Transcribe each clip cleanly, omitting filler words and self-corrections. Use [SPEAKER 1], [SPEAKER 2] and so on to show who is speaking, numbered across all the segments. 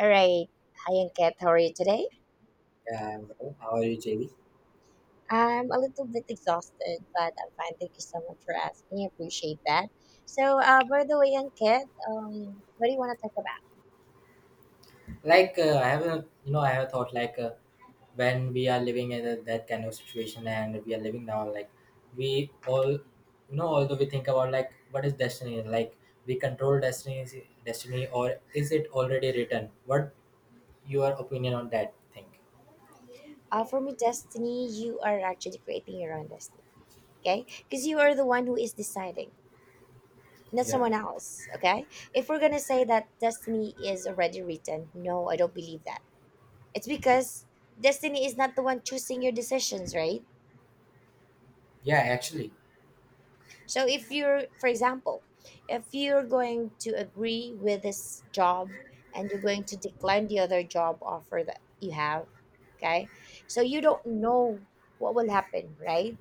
[SPEAKER 1] All right, I am Kat. How are you today?
[SPEAKER 2] Yeah, I'm well. How are you, JB?
[SPEAKER 1] I'm a little bit exhausted, but I'm fine. Thank you so much for asking. I appreciate that. So, by the way, Anket, what do you want to talk about?
[SPEAKER 2] I have a thought like when we are living in that kind of situation, and we are living now, like we all, you know, although we think about, like, what is destiny. Like, we control destiny, or is it already written? What your opinion on that thing?
[SPEAKER 1] For me, destiny, you are actually creating your own destiny, okay? Because you are the one who is deciding, not
[SPEAKER 2] Yeah,
[SPEAKER 1] someone else, okay? If we're going to say that destiny is already written, no, I don't believe that. It's because destiny is not the one choosing your decisions, right?
[SPEAKER 2] yeah, actually.
[SPEAKER 1] So if you're, for example, if you're going to agree with this job and you're going to decline the other job offer that you have, okay? So you don't know what will happen, right?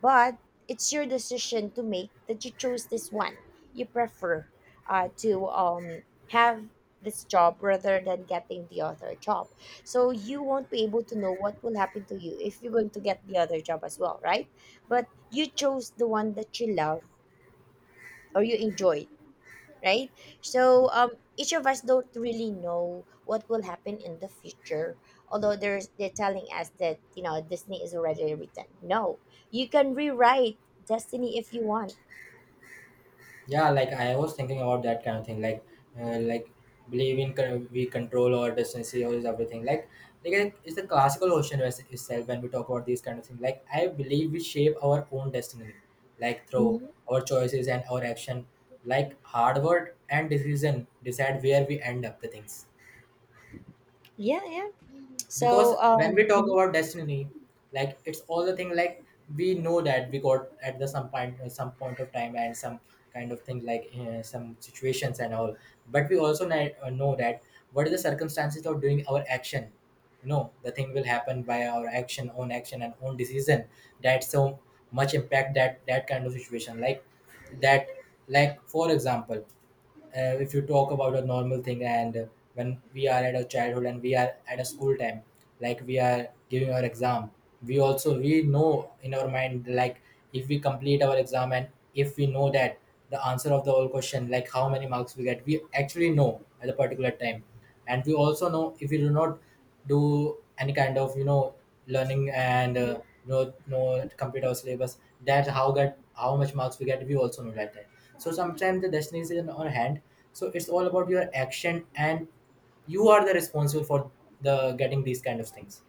[SPEAKER 1] But it's your decision to make that you chose this one. You prefer to have this job rather than getting the other job. So you won't be able to know what will happen to you if you're going to get the other job as well, right? But you chose the one that you love or you enjoyed, right? So each of us don't really know what will happen in the future, although there's they're telling us that you know destiny is already written. No, you can rewrite destiny if you want.
[SPEAKER 2] Yeah, like I was thinking about that kind of thing. Like like, believing we control our destiny or is everything. Like it's the classical notion itself, when we talk about these kind of things. Like, I believe we shape our own destiny, like through
[SPEAKER 1] Mhm.
[SPEAKER 2] our choices and our action. Like, hard work and decision decide where we end up the things,
[SPEAKER 1] Yeah, yeah.
[SPEAKER 2] because
[SPEAKER 1] So
[SPEAKER 2] when we talk about destiny, like, it's all the thing. Like, we know that we got at the some point, of time, and some kind of thing like some situations and all, but we also know that, what are the circumstances of doing our action. You know, the thing will happen by our action, own action and own decision, that so much impact that that kind of situation, like that. Like, for example, if you talk about a normal thing and when we are at a childhood and we are at a school time. Like, we are giving our exam, we know in our mind, like, if we complete our exam and if we know that the answer of the whole question, like how many marks we get, we actually know at a particular time. And we also know, if we do not do any kind of learning and no no complete our syllabus, that's how get how much marks we get, we also know like that. So sometimes the destiny is in our hand, so it's all about your action, and you are the responsible for the getting these kind of things.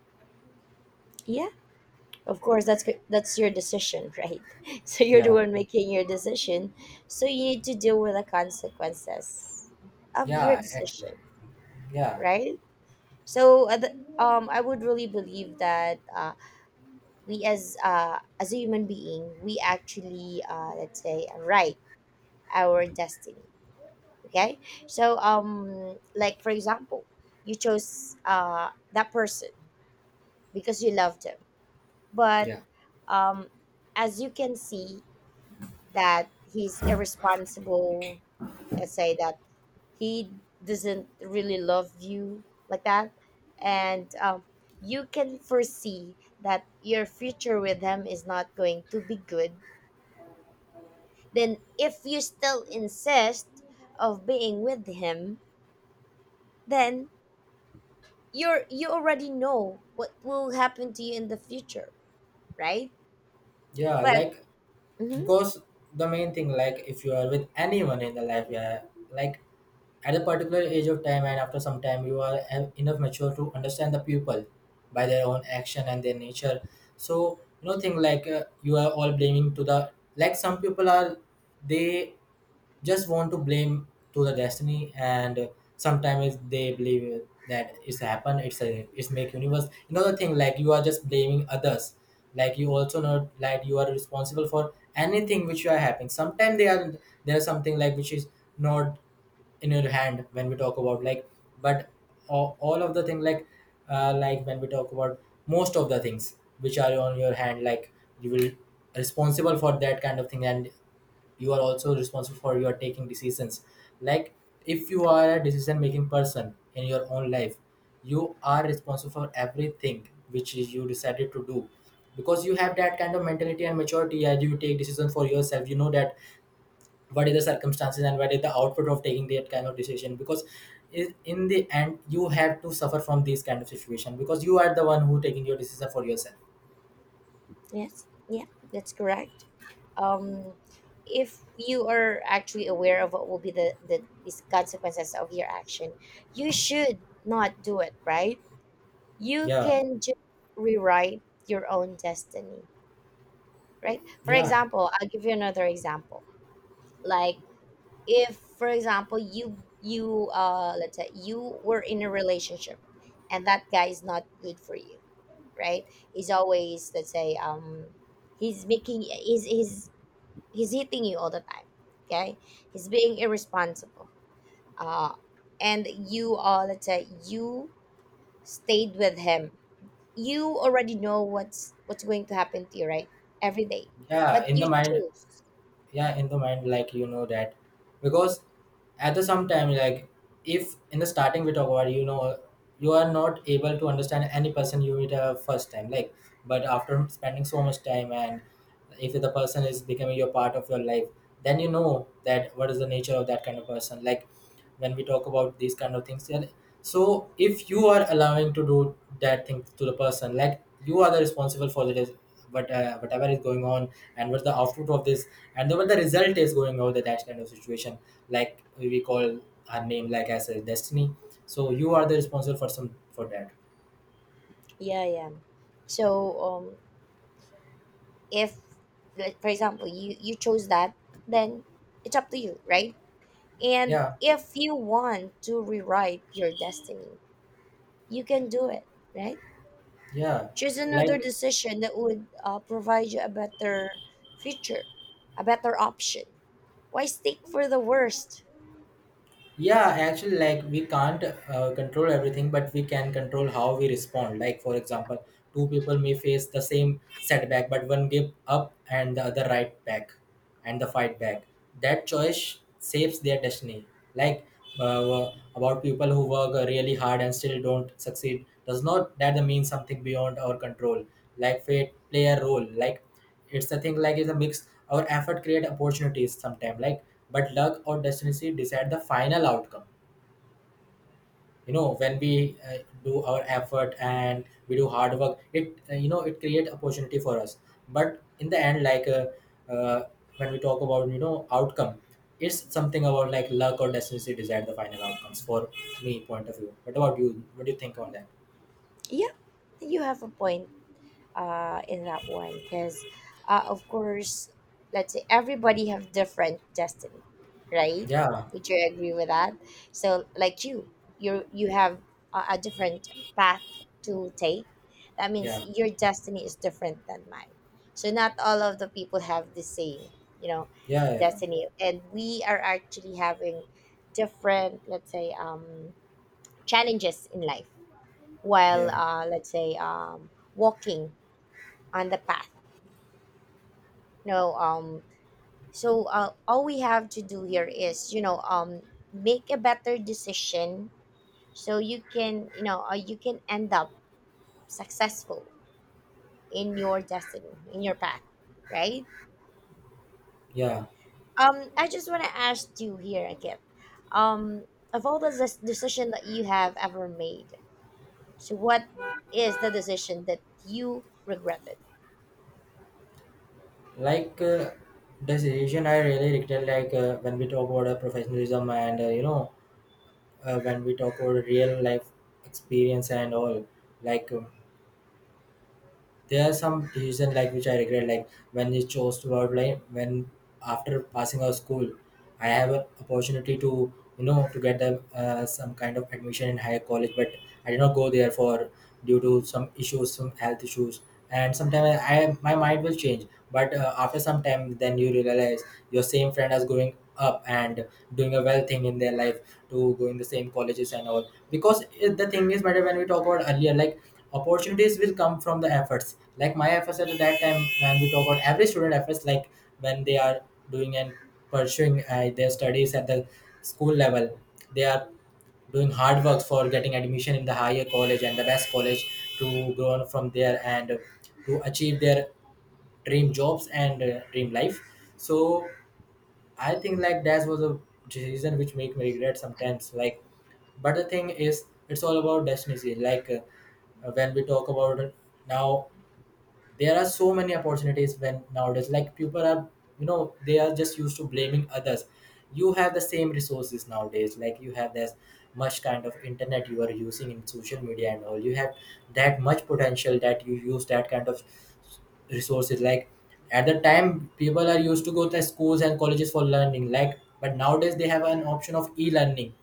[SPEAKER 1] yeah, of course that's your decision, right? So you're the
[SPEAKER 2] Yeah,
[SPEAKER 1] one making your decision, so you need to deal with the consequences of your
[SPEAKER 2] yeah, actually.
[SPEAKER 1] decision,
[SPEAKER 2] Yeah.
[SPEAKER 1] right? So I would really believe that we as a human being, we actually, let's say, write our destiny, okay. So like for example, you chose that person because you loved him, but
[SPEAKER 2] Yeah,
[SPEAKER 1] um as you can see that he's irresponsible, let's say that he doesn't really love you, like that. And you can foresee that your future with him is not going to be good. Then if you still insist of being with him, then you already know what will happen to you in the future, right?
[SPEAKER 2] yeah,
[SPEAKER 1] But
[SPEAKER 2] like,
[SPEAKER 1] mhm,
[SPEAKER 2] because the main thing, like, if you are with anyone in the life, yeah. Like, at a particular age of time, and after some time you are enough mature to understand the people by their own action and their nature. So you know thing like, you are all blaming to the, like, some people are, they just want to blame to the destiny. And sometimes they believe that it's happened, it's a, it's make universe another thing, like you are just blaming others. Like, you also know, like, you are responsible for anything which you are happening. Sometimes they are, there is something like which is not in your hand, when we talk about. Like, but all of the thing like, like, when we talk about most of the things which are on your hand, like, you will responsible for that kind of thing, and you are also responsible for your taking decisions. Like, if you are a decision making person in your own life, you are responsible for everything which is you decided to do, because you have that kind of mentality and maturity. As you take decision for yourself, you know that what is the circumstances and what is the output of taking that kind of decision, because, in the end you have to suffer from these kind of situation, because you are the one who taking your decision for yourself.
[SPEAKER 1] yes, yeah, that's correct. Um, if you are actually aware of what will be the these consequences of your action, you should not do it, right? You
[SPEAKER 2] Yeah.
[SPEAKER 1] can just rewrite your own destiny, right? For
[SPEAKER 2] Yeah,
[SPEAKER 1] example, I'll give you another example. Like if for example you let's say you were in a relationship and that guy is not good for you, right? He's always, let's say, he's making he's hitting you all the time, okay? He's being irresponsible, uh and you, let's say you stayed with him. You already know what's going to happen to you, right? Every day.
[SPEAKER 2] yeah,
[SPEAKER 1] But
[SPEAKER 2] in the
[SPEAKER 1] you
[SPEAKER 2] mind.
[SPEAKER 1] choose.
[SPEAKER 2] Yeah, in the mind, like, you know that, because at the some time, like, if in the starting we talk about, you know, you are not able to understand any person you meet first time. Like, but after spending so much time, and if the person is becoming your part of your life, then you know that what is the nature of that kind of person, like, when we talk about these kind of things, yeah. So if you are allowing to do that thing to the person, like, you are the responsible for the what, whatever is going on, and what the output of this, and the, what the result is going out that kind of situation, like, we call her name like as a destiny. So you are the responsible for some for that.
[SPEAKER 1] Yeah, yeah. So if like for example you chose that, then it's up to you, right? And
[SPEAKER 2] Yeah.
[SPEAKER 1] if you want to rewrite your destiny, you can do it, right?
[SPEAKER 2] Yeah,
[SPEAKER 1] Choose another
[SPEAKER 2] like.
[SPEAKER 1] decision that would, provide you a better future, a better option. Why stick for the worst?
[SPEAKER 2] Yeah, actually, like, we can't control everything, but we can control how we respond. Like, for example, two people may face the same setback, but one give up and the other right back, and the fight back. That choice saves their destiny. Like, uh, about people who work really hard and still don't succeed, does not that mean something beyond our control. Like, fate play a role. Like, it's a thing, like, it's a mix, our effort create opportunities sometime, like, but luck or destiny decide the final outcome. You know, when we uh, do our effort and we do hard work, it it create opportunity for us. But in the end, like, uh, when we talk about, you know, outcome, it's something about like luck or destiny decide the final outcomes. For me point of view, what about you, what do you think on that?
[SPEAKER 1] Yeah, you have a point, in that one because, of course, let's say everybody have different destiny, right?
[SPEAKER 2] Yeah.
[SPEAKER 1] Would you agree with that? So like you have a different path to take. That means
[SPEAKER 2] Yeah.
[SPEAKER 1] your destiny is different than mine. So not all of the people have the same, you know,
[SPEAKER 2] Yeah. Yeah.
[SPEAKER 1] destiny, and we are actually having different, let's say, challenges in life while,
[SPEAKER 2] Yeah.
[SPEAKER 1] let's say, walking on the path. No, So, all we have to do here is, you know, make a better decision so you can, you know, you can end up successful in your destiny, in your path, right?
[SPEAKER 2] Yeah.
[SPEAKER 1] I just want to ask you here again, um, of all the decision that you have ever made, so what is the decision that you regretted?
[SPEAKER 2] Like, this decision I really regret, like, when we talk about professionalism and when we talk about real life experience and all. Like, there are some decisions like which I regret, like, when we chose to outline. When after passing out school, I have an opportunity to, you know, to get the, some kind of admission in higher college, but I did not go there for, due to some issues, some health issues, and sometimes I my mind will change. But after some time, then you realize your same friend is growing up and doing a well thing in their life, to going the same colleges and all, because the thing is matter. When we talk about earlier, like, opportunities will come from the efforts, like, my efforts at that time. When we talk about every student efforts, like, when they are doing and pursuing their studies at the school level, they are doing hard work for getting admission in the higher college and the best college, to grow on from there and to achieve their dream jobs and dream life. So I think, like, that was a decision which make me regret sometimes. Like, but the thing is, it's all about destiny. Like, when we talk about it now, there are so many opportunities when nowadays. Like, people are, you know, they are just used to blaming others. You have the same resources nowadays. Like, you have this much kind of internet you are using in social media and all. You have that much potential that you use that kind of resources, like, at the time people are used to go to schools and colleges for learning. Like, but nowadays they have an option of e-learning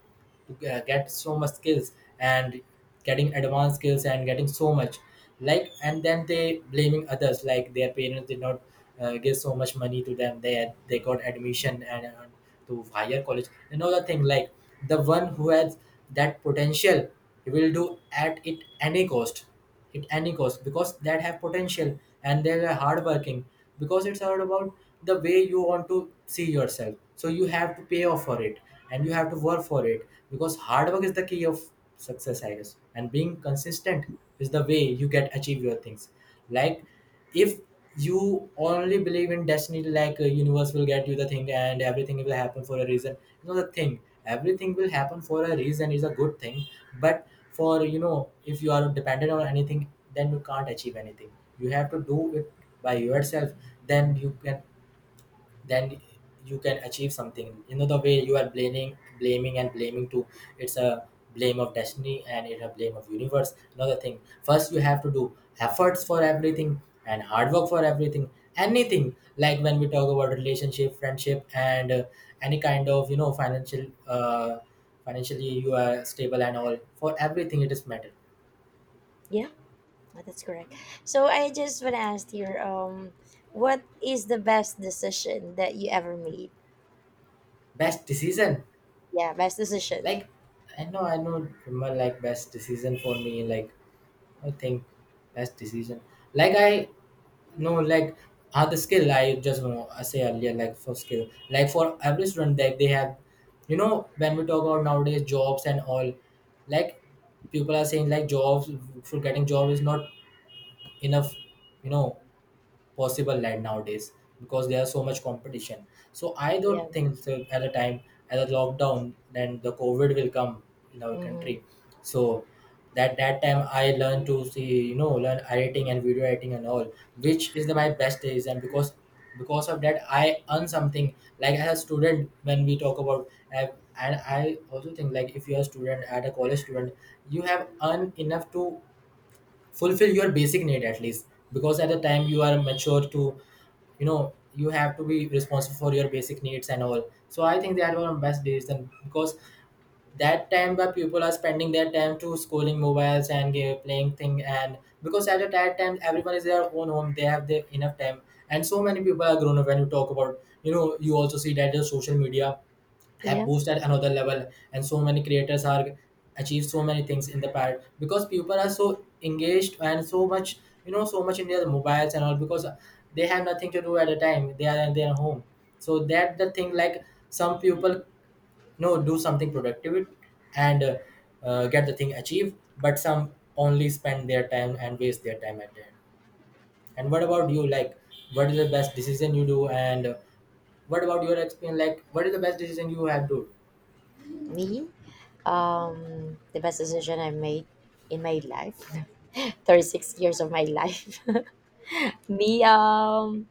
[SPEAKER 2] to get so much skills, and getting advanced skills and getting so much. Like, and then they blaming others, like, their parents did not give so much money to them they had, they got admission and to higher college, another thing. Like, the one who has that potential, he will do at it any cost, at any cost, because that have potential and they are hardworking, because it's all about the way you want to see yourself, so you have to pay off for it, and you have to work for it, because hard work is the key of success, I guess, and being consistent is the way you get achieve your things. Like, if you only believe in destiny, like, a universe will get you the thing, and everything will happen for a reason, you know the thing. Everything will happen for a reason is a good thing, but, for, you know, if you are dependent on anything, then you can't achieve anything. You have to do it by yourself, then you can, then you can achieve something, you know, the way you are blaming, blaming and blaming too. It's a blame of destiny, and it's a blame of universe, another thing. First, you have to do efforts for everything and hard work for everything, anything, like, when we talk about relationship, friendship and, any kind of, you know, financial, financially you are stable and all, for everything it is matter.
[SPEAKER 1] Yeah. Oh, that's correct. So I just want to ask here, what is the best decision that you ever made?
[SPEAKER 2] Best decision.
[SPEAKER 1] Yeah, best decision.
[SPEAKER 2] Like i know i know remember like best decision for me, like, I think best decision. Like, I know, like, other skill. I just want to say earlier, like for skill, like for every student, like they have, you know, when we talk about nowadays jobs and all, like people are saying like jobs for getting job is not enough, you know, possible land nowadays because there's so much competition. So I
[SPEAKER 1] Yeah.
[SPEAKER 2] don't think so, at a time as a lockdown then the COVID will come in our
[SPEAKER 1] Mm-hmm.
[SPEAKER 2] country. So that time I learned to see, you know, learn editing and video editing and all, which is the, my best days, and because of that I earn something like as a student when we talk about uh, and I also think like if you're a student at a college student you have earned enough to fulfill your basic need at least, because at the time you are mature to, you know, you have to be responsible for your basic needs and all. So I think that were the best days then, because that time where people are spending their time to scrolling mobiles and playing thing, and because at that time everyone is their own home, they have their enough time, and so many people are grown up. When you talk about, you know, you also see that the social media have
[SPEAKER 1] Yeah.
[SPEAKER 2] boosted another level, and so many creators are achieved so many things in the past because people are so engaged and so much, you know, so much in their mobiles and all, because they have nothing to do. At a time they are in their home, so that the thing, like some people no do something productive and get the thing achieved, but some only spend their time and waste their time at the end. And what about you? Like what is the best decision you do, and what about your experience? Like what is the best decision you have to
[SPEAKER 1] Me. The best decision I made in my life, 36 years of my life. Me.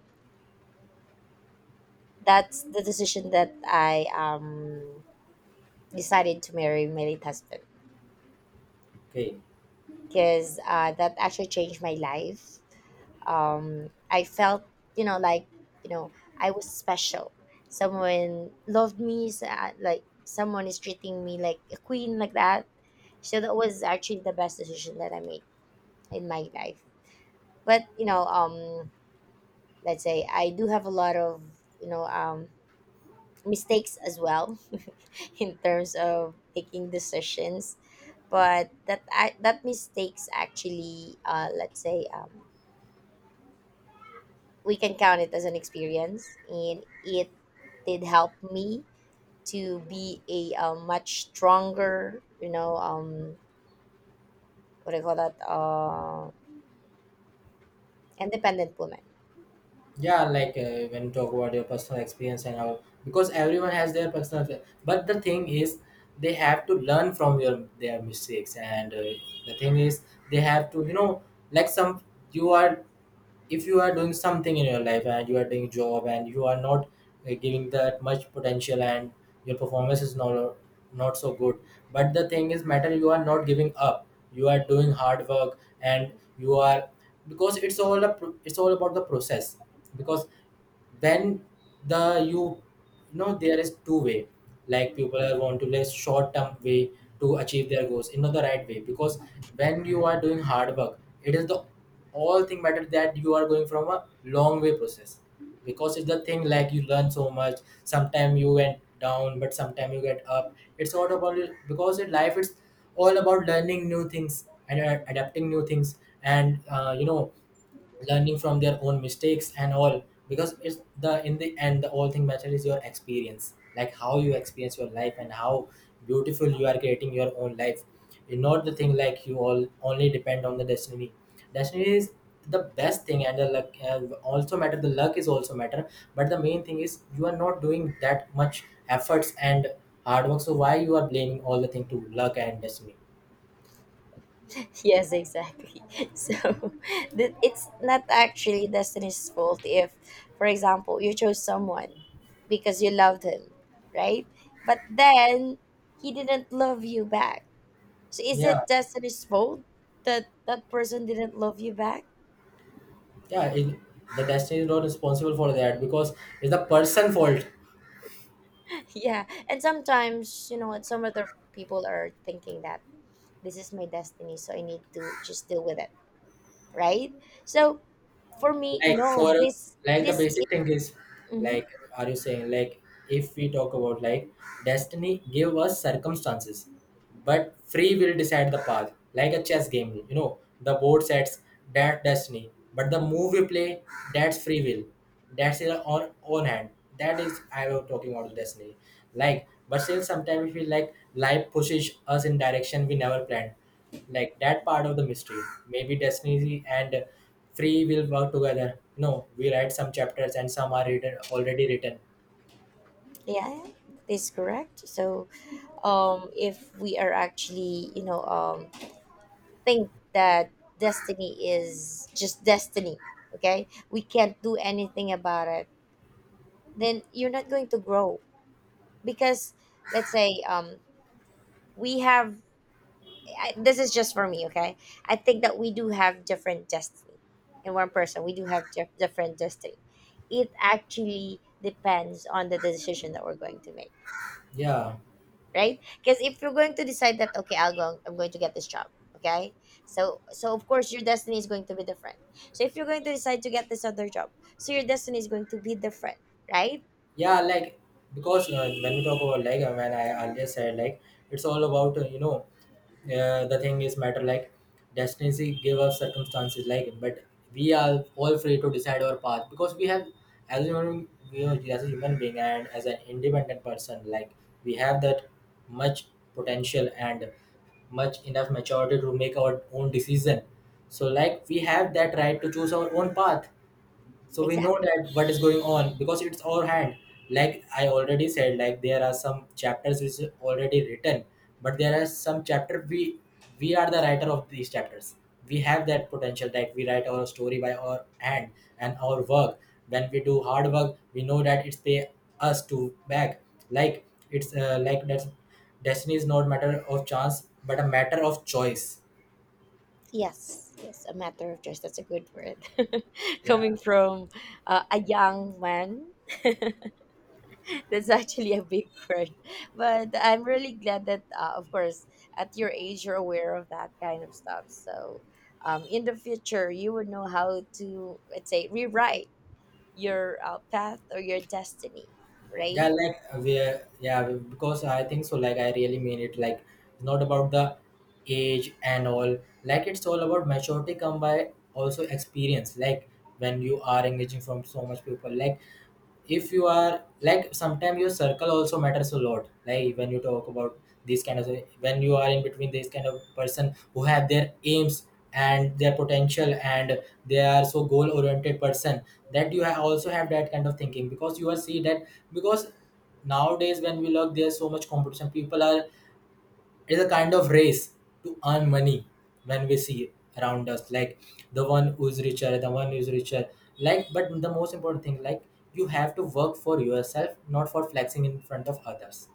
[SPEAKER 1] That's the decision that I decided to marry my late husband
[SPEAKER 2] okay.
[SPEAKER 1] because that actually changed my life. I felt, you know, like, you know, I was special. Someone loved me, like someone is treating me like a queen, like that. So that was actually the best decision that I made in my life. But you know, let's say I do have a lot of, mistakes as well, in terms of taking decisions. But that mistakes actually, let's say, we can count it as an experience, and it did help me to be a, much stronger, you know, what do you call that, independent woman.
[SPEAKER 2] Yeah, like when you talk about your personal experience and how, because everyone has their personal, but the thing is they have to learn from your their mistakes, and the thing is they have to, you know, like some, you are, if you are doing something in your life and you are doing job and you are not giving that much potential and your performance is not not so good, but the thing is matter, you are not giving up, you are doing hard work, and you are, because it's all a, it's all about the process. Because then the you, you know, there is two way. Like people are want to less short term way to achieve their goals in the right way, because when you are doing hard work, it is the all thing matter that you are going from a long way process. Because it's the thing, like you learn so much, sometime you went down but sometime you get up. It's not about it, because in life, it's all about learning new things and adapting new things, and you know, learning from their own mistakes and all, because it's the, in the end, the all thing matter is your experience, like how you experience your life and how beautiful you are creating your own life. It's not the thing like you all only depend on the destiny. Destiny is the best thing, and the luck also matter, the luck is also matter, but the main thing is you are not doing that much efforts and hard work, so why you are blaming all the thing to luck and destiny?
[SPEAKER 1] Yes, exactly. So it's not actually destiny's fault if for example you chose someone because you loved him, right? But then he didn't love you back. So is
[SPEAKER 2] Yeah,
[SPEAKER 1] it destiny's fault that that person didn't love you back?
[SPEAKER 2] yeah, it, the destiny is not responsible for that, because it's the person fault.
[SPEAKER 1] Yeah, and sometimes, you know what, some other people are thinking that this is my destiny, so I need to just deal with it, right? So for me,
[SPEAKER 2] Like for,
[SPEAKER 1] no,
[SPEAKER 2] like the
[SPEAKER 1] this is
[SPEAKER 2] basic thing is,
[SPEAKER 1] hmm.
[SPEAKER 2] like are you saying like, if we talk about like, destiny give us circumstances, but free will decide the path, like a chess game, you know, the board sets that destiny, but the move we play, that's free will, that's in our own hand. That is, I was talking about the destiny, like but still sometimes we feel like life pushes us in direction we never planned, like that part of the mystery, maybe destiny and free will work together. No, we write some chapters, and some are written already written.
[SPEAKER 1] Yeah, this is correct. So if we are actually, you know, think that destiny is just destiny, okay, we can't do anything about it, then you're not going to grow because, let's say, we have this is just for me, okay? I think that we do have different destiny. In one person, we do have different destiny. It actually depends on the decision that we're going to make,
[SPEAKER 2] Yeah,
[SPEAKER 1] right? Because if you're going to decide that, okay, I'm going to get this job, okay? So, so of course your destiny is going to be different. So if you're going to decide to get this other job, so your destiny is going to be different, right?
[SPEAKER 2] yeah, like because when we talk about like, when I earlier said like, it's all about you know, the thing is matter, like destiny give us circumstances, like but we are all free to decide our path, because we have, as a human, you know, as a human being and as an independent person, like we have that much potential and much enough maturity to make our own decision. So like we have that right to choose our own path, so we know
[SPEAKER 1] Exactly.
[SPEAKER 2] that what is going on, because it's our hand. Like I already said, like there are some chapters which is already written, but there are some chapter, we are the writer of these chapters. We have that potential that we write our story by our hand and our work. When we do hard work, we know that it's pay us to back. Like it's like that's, destiny is not matter of chance but a matter of choice.
[SPEAKER 1] Yes. Yes. A matter of choice. That's a good word.
[SPEAKER 2] Yeah,
[SPEAKER 1] Coming from, a young man. That's actually a big word. But I'm really glad that, of course, at your age, you're aware of that kind of stuff. So in the future, you would know how to, let's say, rewrite your, path or your destiny,
[SPEAKER 2] yeah,
[SPEAKER 1] right?
[SPEAKER 2] like yeah, because I think so, like I really mean it, like it's not about the age and all. Like it's all about maturity come by also experience. Like when you are engaging from so much people, like if you are, like sometimes your circle also matters a lot. Like when you talk about these kind of, when you are in between this kind of person who have their aims and their potential and they are so goal oriented person, that you also have that kind of thinking, because you are see that, because nowadays when we look, there's so much competition, people are, it's a kind of race to earn money. When we see around us, like the one who's richer, the one who's richer. Like, but the most important thing, like you have to work for yourself, not for flexing in front of others.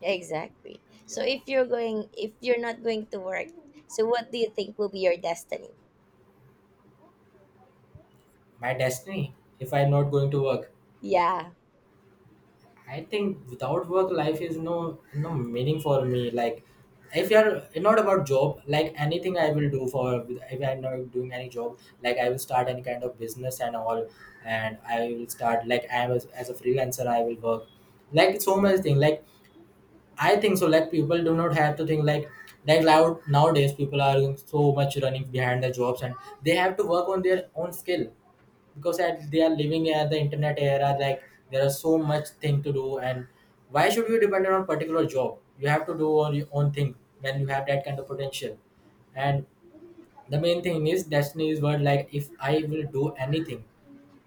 [SPEAKER 1] Exactly. So
[SPEAKER 2] Yeah,
[SPEAKER 1] if you're not going to work, so what do you think will be your destiny?
[SPEAKER 2] my destiny. If I'm not going to work,
[SPEAKER 1] Yeah.
[SPEAKER 2] I think without work, life is no meaning for me. Like, if you're not about job, like anything I
[SPEAKER 1] Mhm.
[SPEAKER 2] will do for, if I'm not doing any job, like I will start any kind of business and all, and I will start, like I was, as a freelancer, I will work, like so much thing. Like I think so. Like people do not have to think like loud nowadays people are so much running behind the jobs, and they have to work on their own skill, because at, they are living at the internet era. Like there are so much thing to do, and why should you depend on a particular job? You have to do all your own thing when you have that kind of potential. And the main thing is destiny is word, like if I will do anything,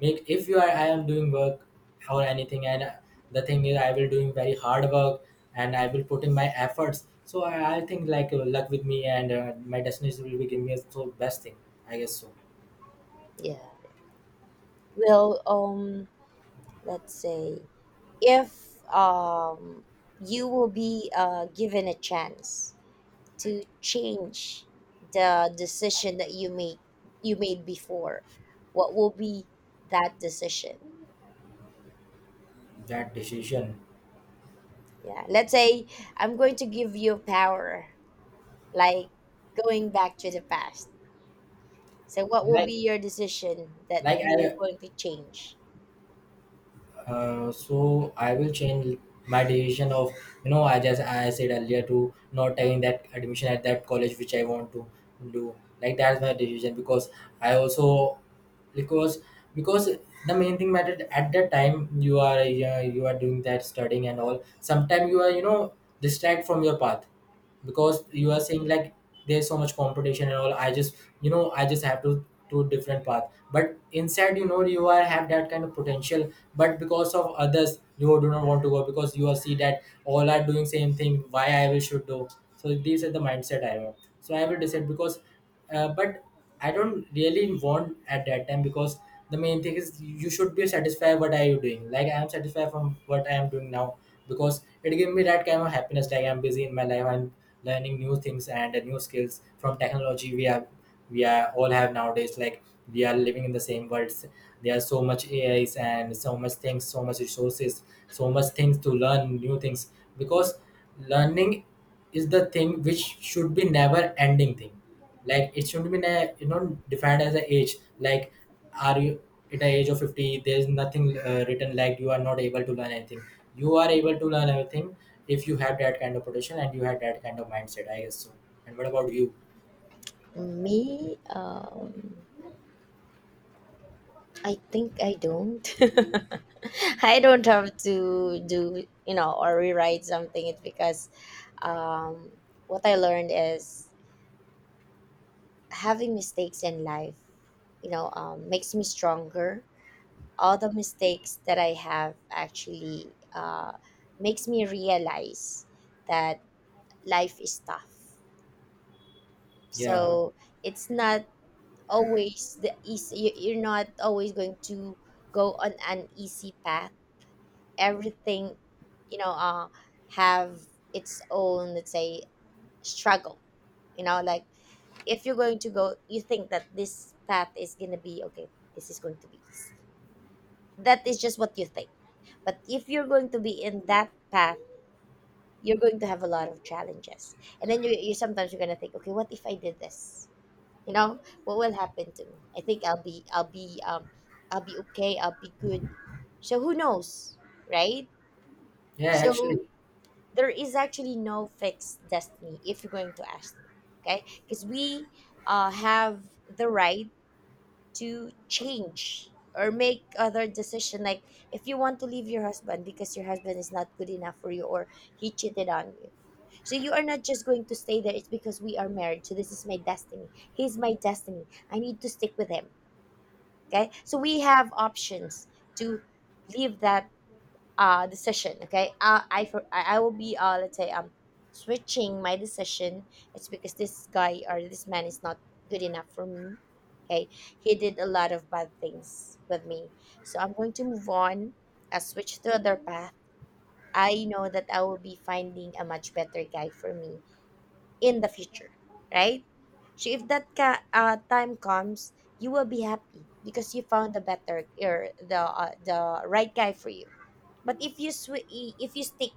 [SPEAKER 2] make, if you are, I am doing work or anything, and the thing is I will doing very hard work, and I will put in my efforts, so I think like luck with me, and my destiny will be giving me the best thing, I guess so.
[SPEAKER 1] Yeah. Well, let's say if you will be given a chance to change the decision that you made, you made before what will be that decision?
[SPEAKER 2] That decision,
[SPEAKER 1] Yeah, let's say I'm going to give you power, like going back to the past. So what will be
[SPEAKER 2] like
[SPEAKER 1] your decision that
[SPEAKER 2] like
[SPEAKER 1] you are
[SPEAKER 2] I
[SPEAKER 1] going to change?
[SPEAKER 2] so I will change my decision of, you know, I just I said earlier, to not taking that admission at that college which I want to do. Like that's my decision, because I also, because because the main thing mattered at that time, you are doing that studying and all, sometimes you are, you know, distract from your path, because you are
[SPEAKER 1] Mhm.
[SPEAKER 2] saying like there's so much competition and all, I just, you know, I just have to do different path, but inside, you know, you are have that kind of potential, but because of others, you do not want to go, because you are see that all are doing same thing, why I will should do? So these are the mindset I have, so I will decide, because but I don't really want at that time, because the main thing is you should be satisfied what are you doing, like I am satisfied from what I am doing now, because it gave me that kind of happiness. Like I'm busy in my life, I'm learning new things and new skills from technology we have, we are all have nowadays, like we are living in the same world. There are so much AI's and so much things, so much resources, so much things to learn new things, because learning is the thing which should be never ending thing. Like it shouldn't be you know, defined as a age. Like are you at the age of 50? There's nothing written like you are not able to learn anything. You are able to learn everything if you have that kind of potential and you have that kind of mindset, I guess so. And what about you?
[SPEAKER 1] Me, I think I don't I don't have to do, you know, or rewrite something. It's because um what I learned is having mistakes in life, you know, makes me stronger. All the mistakes that I have actually, makes me realize that life is tough.
[SPEAKER 2] Yeah,
[SPEAKER 1] So it's not always the easy. You're not always going to go on an easy path. Everything, you know, have its own, let's say, struggle, you know. Like if you're going to go, you think that this path is going to be okay, this is going to be easy, that is just what you think. But if you're going to be in that path, you're going to have a lot of challenges. And then you sometimes you're going to think, okay, what if I did this, you know, what will happen to me? I think I'll be okay, I'll be good. So who knows, right?
[SPEAKER 2] yeah, actually,
[SPEAKER 1] So there is actually no fixed destiny if you're going to ask me. Okay, because we, have the right to change or make other decision. Like if you want to leave your husband because your husband is not good enough for you, or he cheated on you, so you are not just going to stay there. It's because we are married, so this is my destiny, he's my destiny, I need to stick with him. Okay, so we have options to leave that decision. Okay, I for I I will be, let's say, switching my decision. It's because this guy or this man is not good enough for me, okay? He did a lot of bad things with me. So I'm going to move on. I switch to other path. I know that I will be finding a much better guy for me in the future, right? So if that time comes, you will be happy because you found the better or the, the right guy for you. But if you stick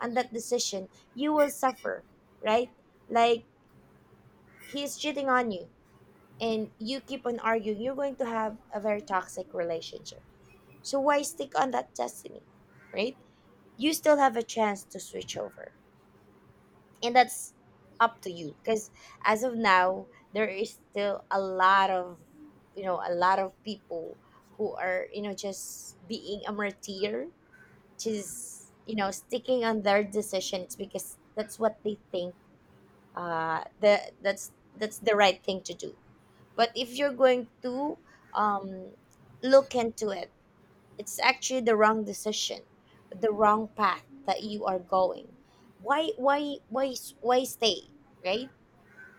[SPEAKER 1] on that decision, you will suffer, right? Like he's cheating on you and you keep on arguing, you're going to have a very toxic relationship. So why stick on that destiny, right? You still have a chance to switch over. And that's up to you because as of now, there is still a lot of, you know, a lot of people who are, you know, just being a martyr, just, you know, sticking on their decisions because that's what they think, the that's the right thing to do. But if you're going to um look into it, it's actually the wrong decision, the wrong path that you are going. Why why stay, right?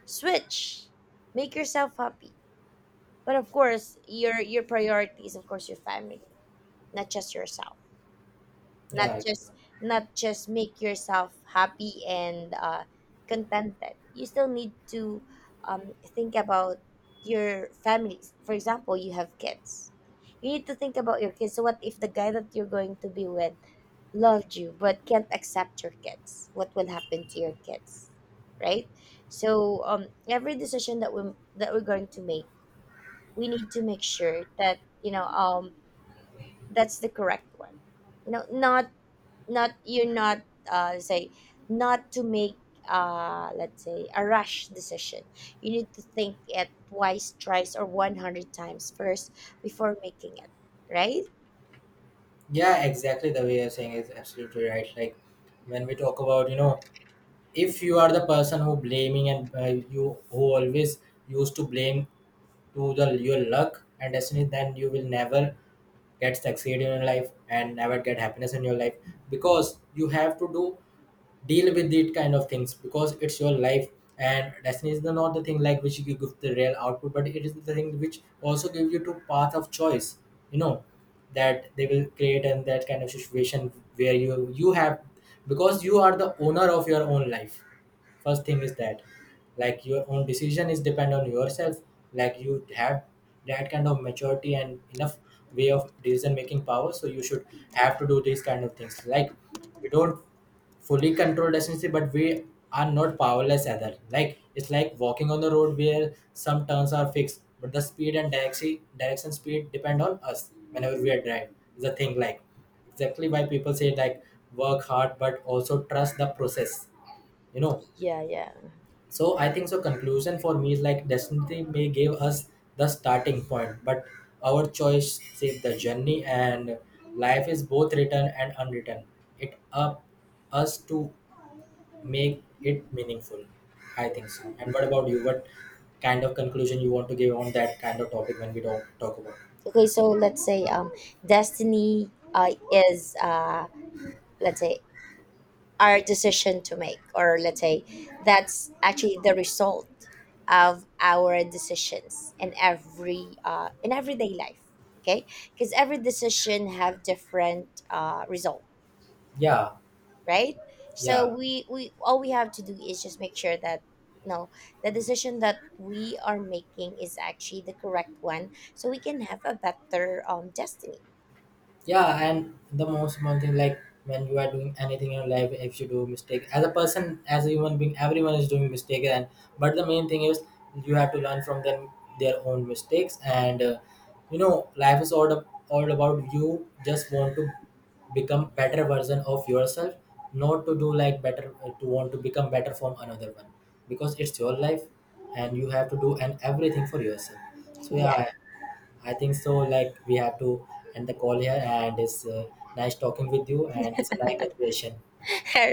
[SPEAKER 1] Switch, make yourself happy. But of course your priority is of course your family, not just yourself, not
[SPEAKER 2] yeah,
[SPEAKER 1] just not just make yourself happy and, contented. You still need to think about your families. For example, you have kids, you need to think about your kids. So what if the guy that you're going to be with loved you but can't accept your kids, what will happen to your kids, right? So every decision that we that we're going to make, we need to make sure that, you know, that's the correct one, you know, not, you're not say not to make, let's say, a rash decision. You need to think it twice, thrice, or 100 times first before making it, right?
[SPEAKER 2] yeah, exactly. The way you're saying is absolutely right. Like when we talk about, you know, if you are the person who blaming and you who always used to blame to the your luck and destiny, then you will never get succeed in your life and never get happiness in your life, because you have to do, deal with it kind of things, because it's your life. And destiny is the, not the thing like which you give the real output, but it is the thing which also gives you to path of choice, you know, that they will create and that kind of situation where you have, because you are the owner of your own life. First thing is that, like your own decision is depend on yourself. Like you have that kind of maturity and enough way of decision making power, so you should have to do these kind of things. Like we don't fully controlled essentially, but we are not powerless either. Like it's like walking on the road where some turns are fixed, but the speed and direction speed depend on us whenever we are drive, is a thing like, exactly why people say like, work hard but also trust the process, you know.
[SPEAKER 1] Yeah, yeah.
[SPEAKER 2] So I think so, conclusion for me is like, destiny may give us the starting point, but our choice save the journey, and life is both written and unwritten. It up us to make it meaningful, I think so. And what about you? What kind of conclusion you want to give on that kind of topic when we don't talk about it?
[SPEAKER 1] Okay, so let's say destiny is let's say, our decision to make, or let's say that's actually the result of our decisions in every, in everyday life, okay? Because every decision have different, result,
[SPEAKER 2] Yeah,
[SPEAKER 1] right? So
[SPEAKER 2] yeah.
[SPEAKER 1] we all we have to do is just make sure that no, the decision that we are making is actually the correct one, so we can have a better, destiny.
[SPEAKER 2] Yeah, and the most important thing, like when you are doing anything in your life, if you do mistake, as a person, as a human being, everyone is doing mistake, and but the main thing is you have to learn from them, their own mistakes, and you know, life is all about you just want to become better version of yourself, not to do like better to want to become better from another one, because it's your life, and you have to do and everything for yourself. So
[SPEAKER 1] Yeah.
[SPEAKER 2] yeah, I think so. Like we have to end the call here, and it's nice talking with you, and it's a nice conversation.
[SPEAKER 1] All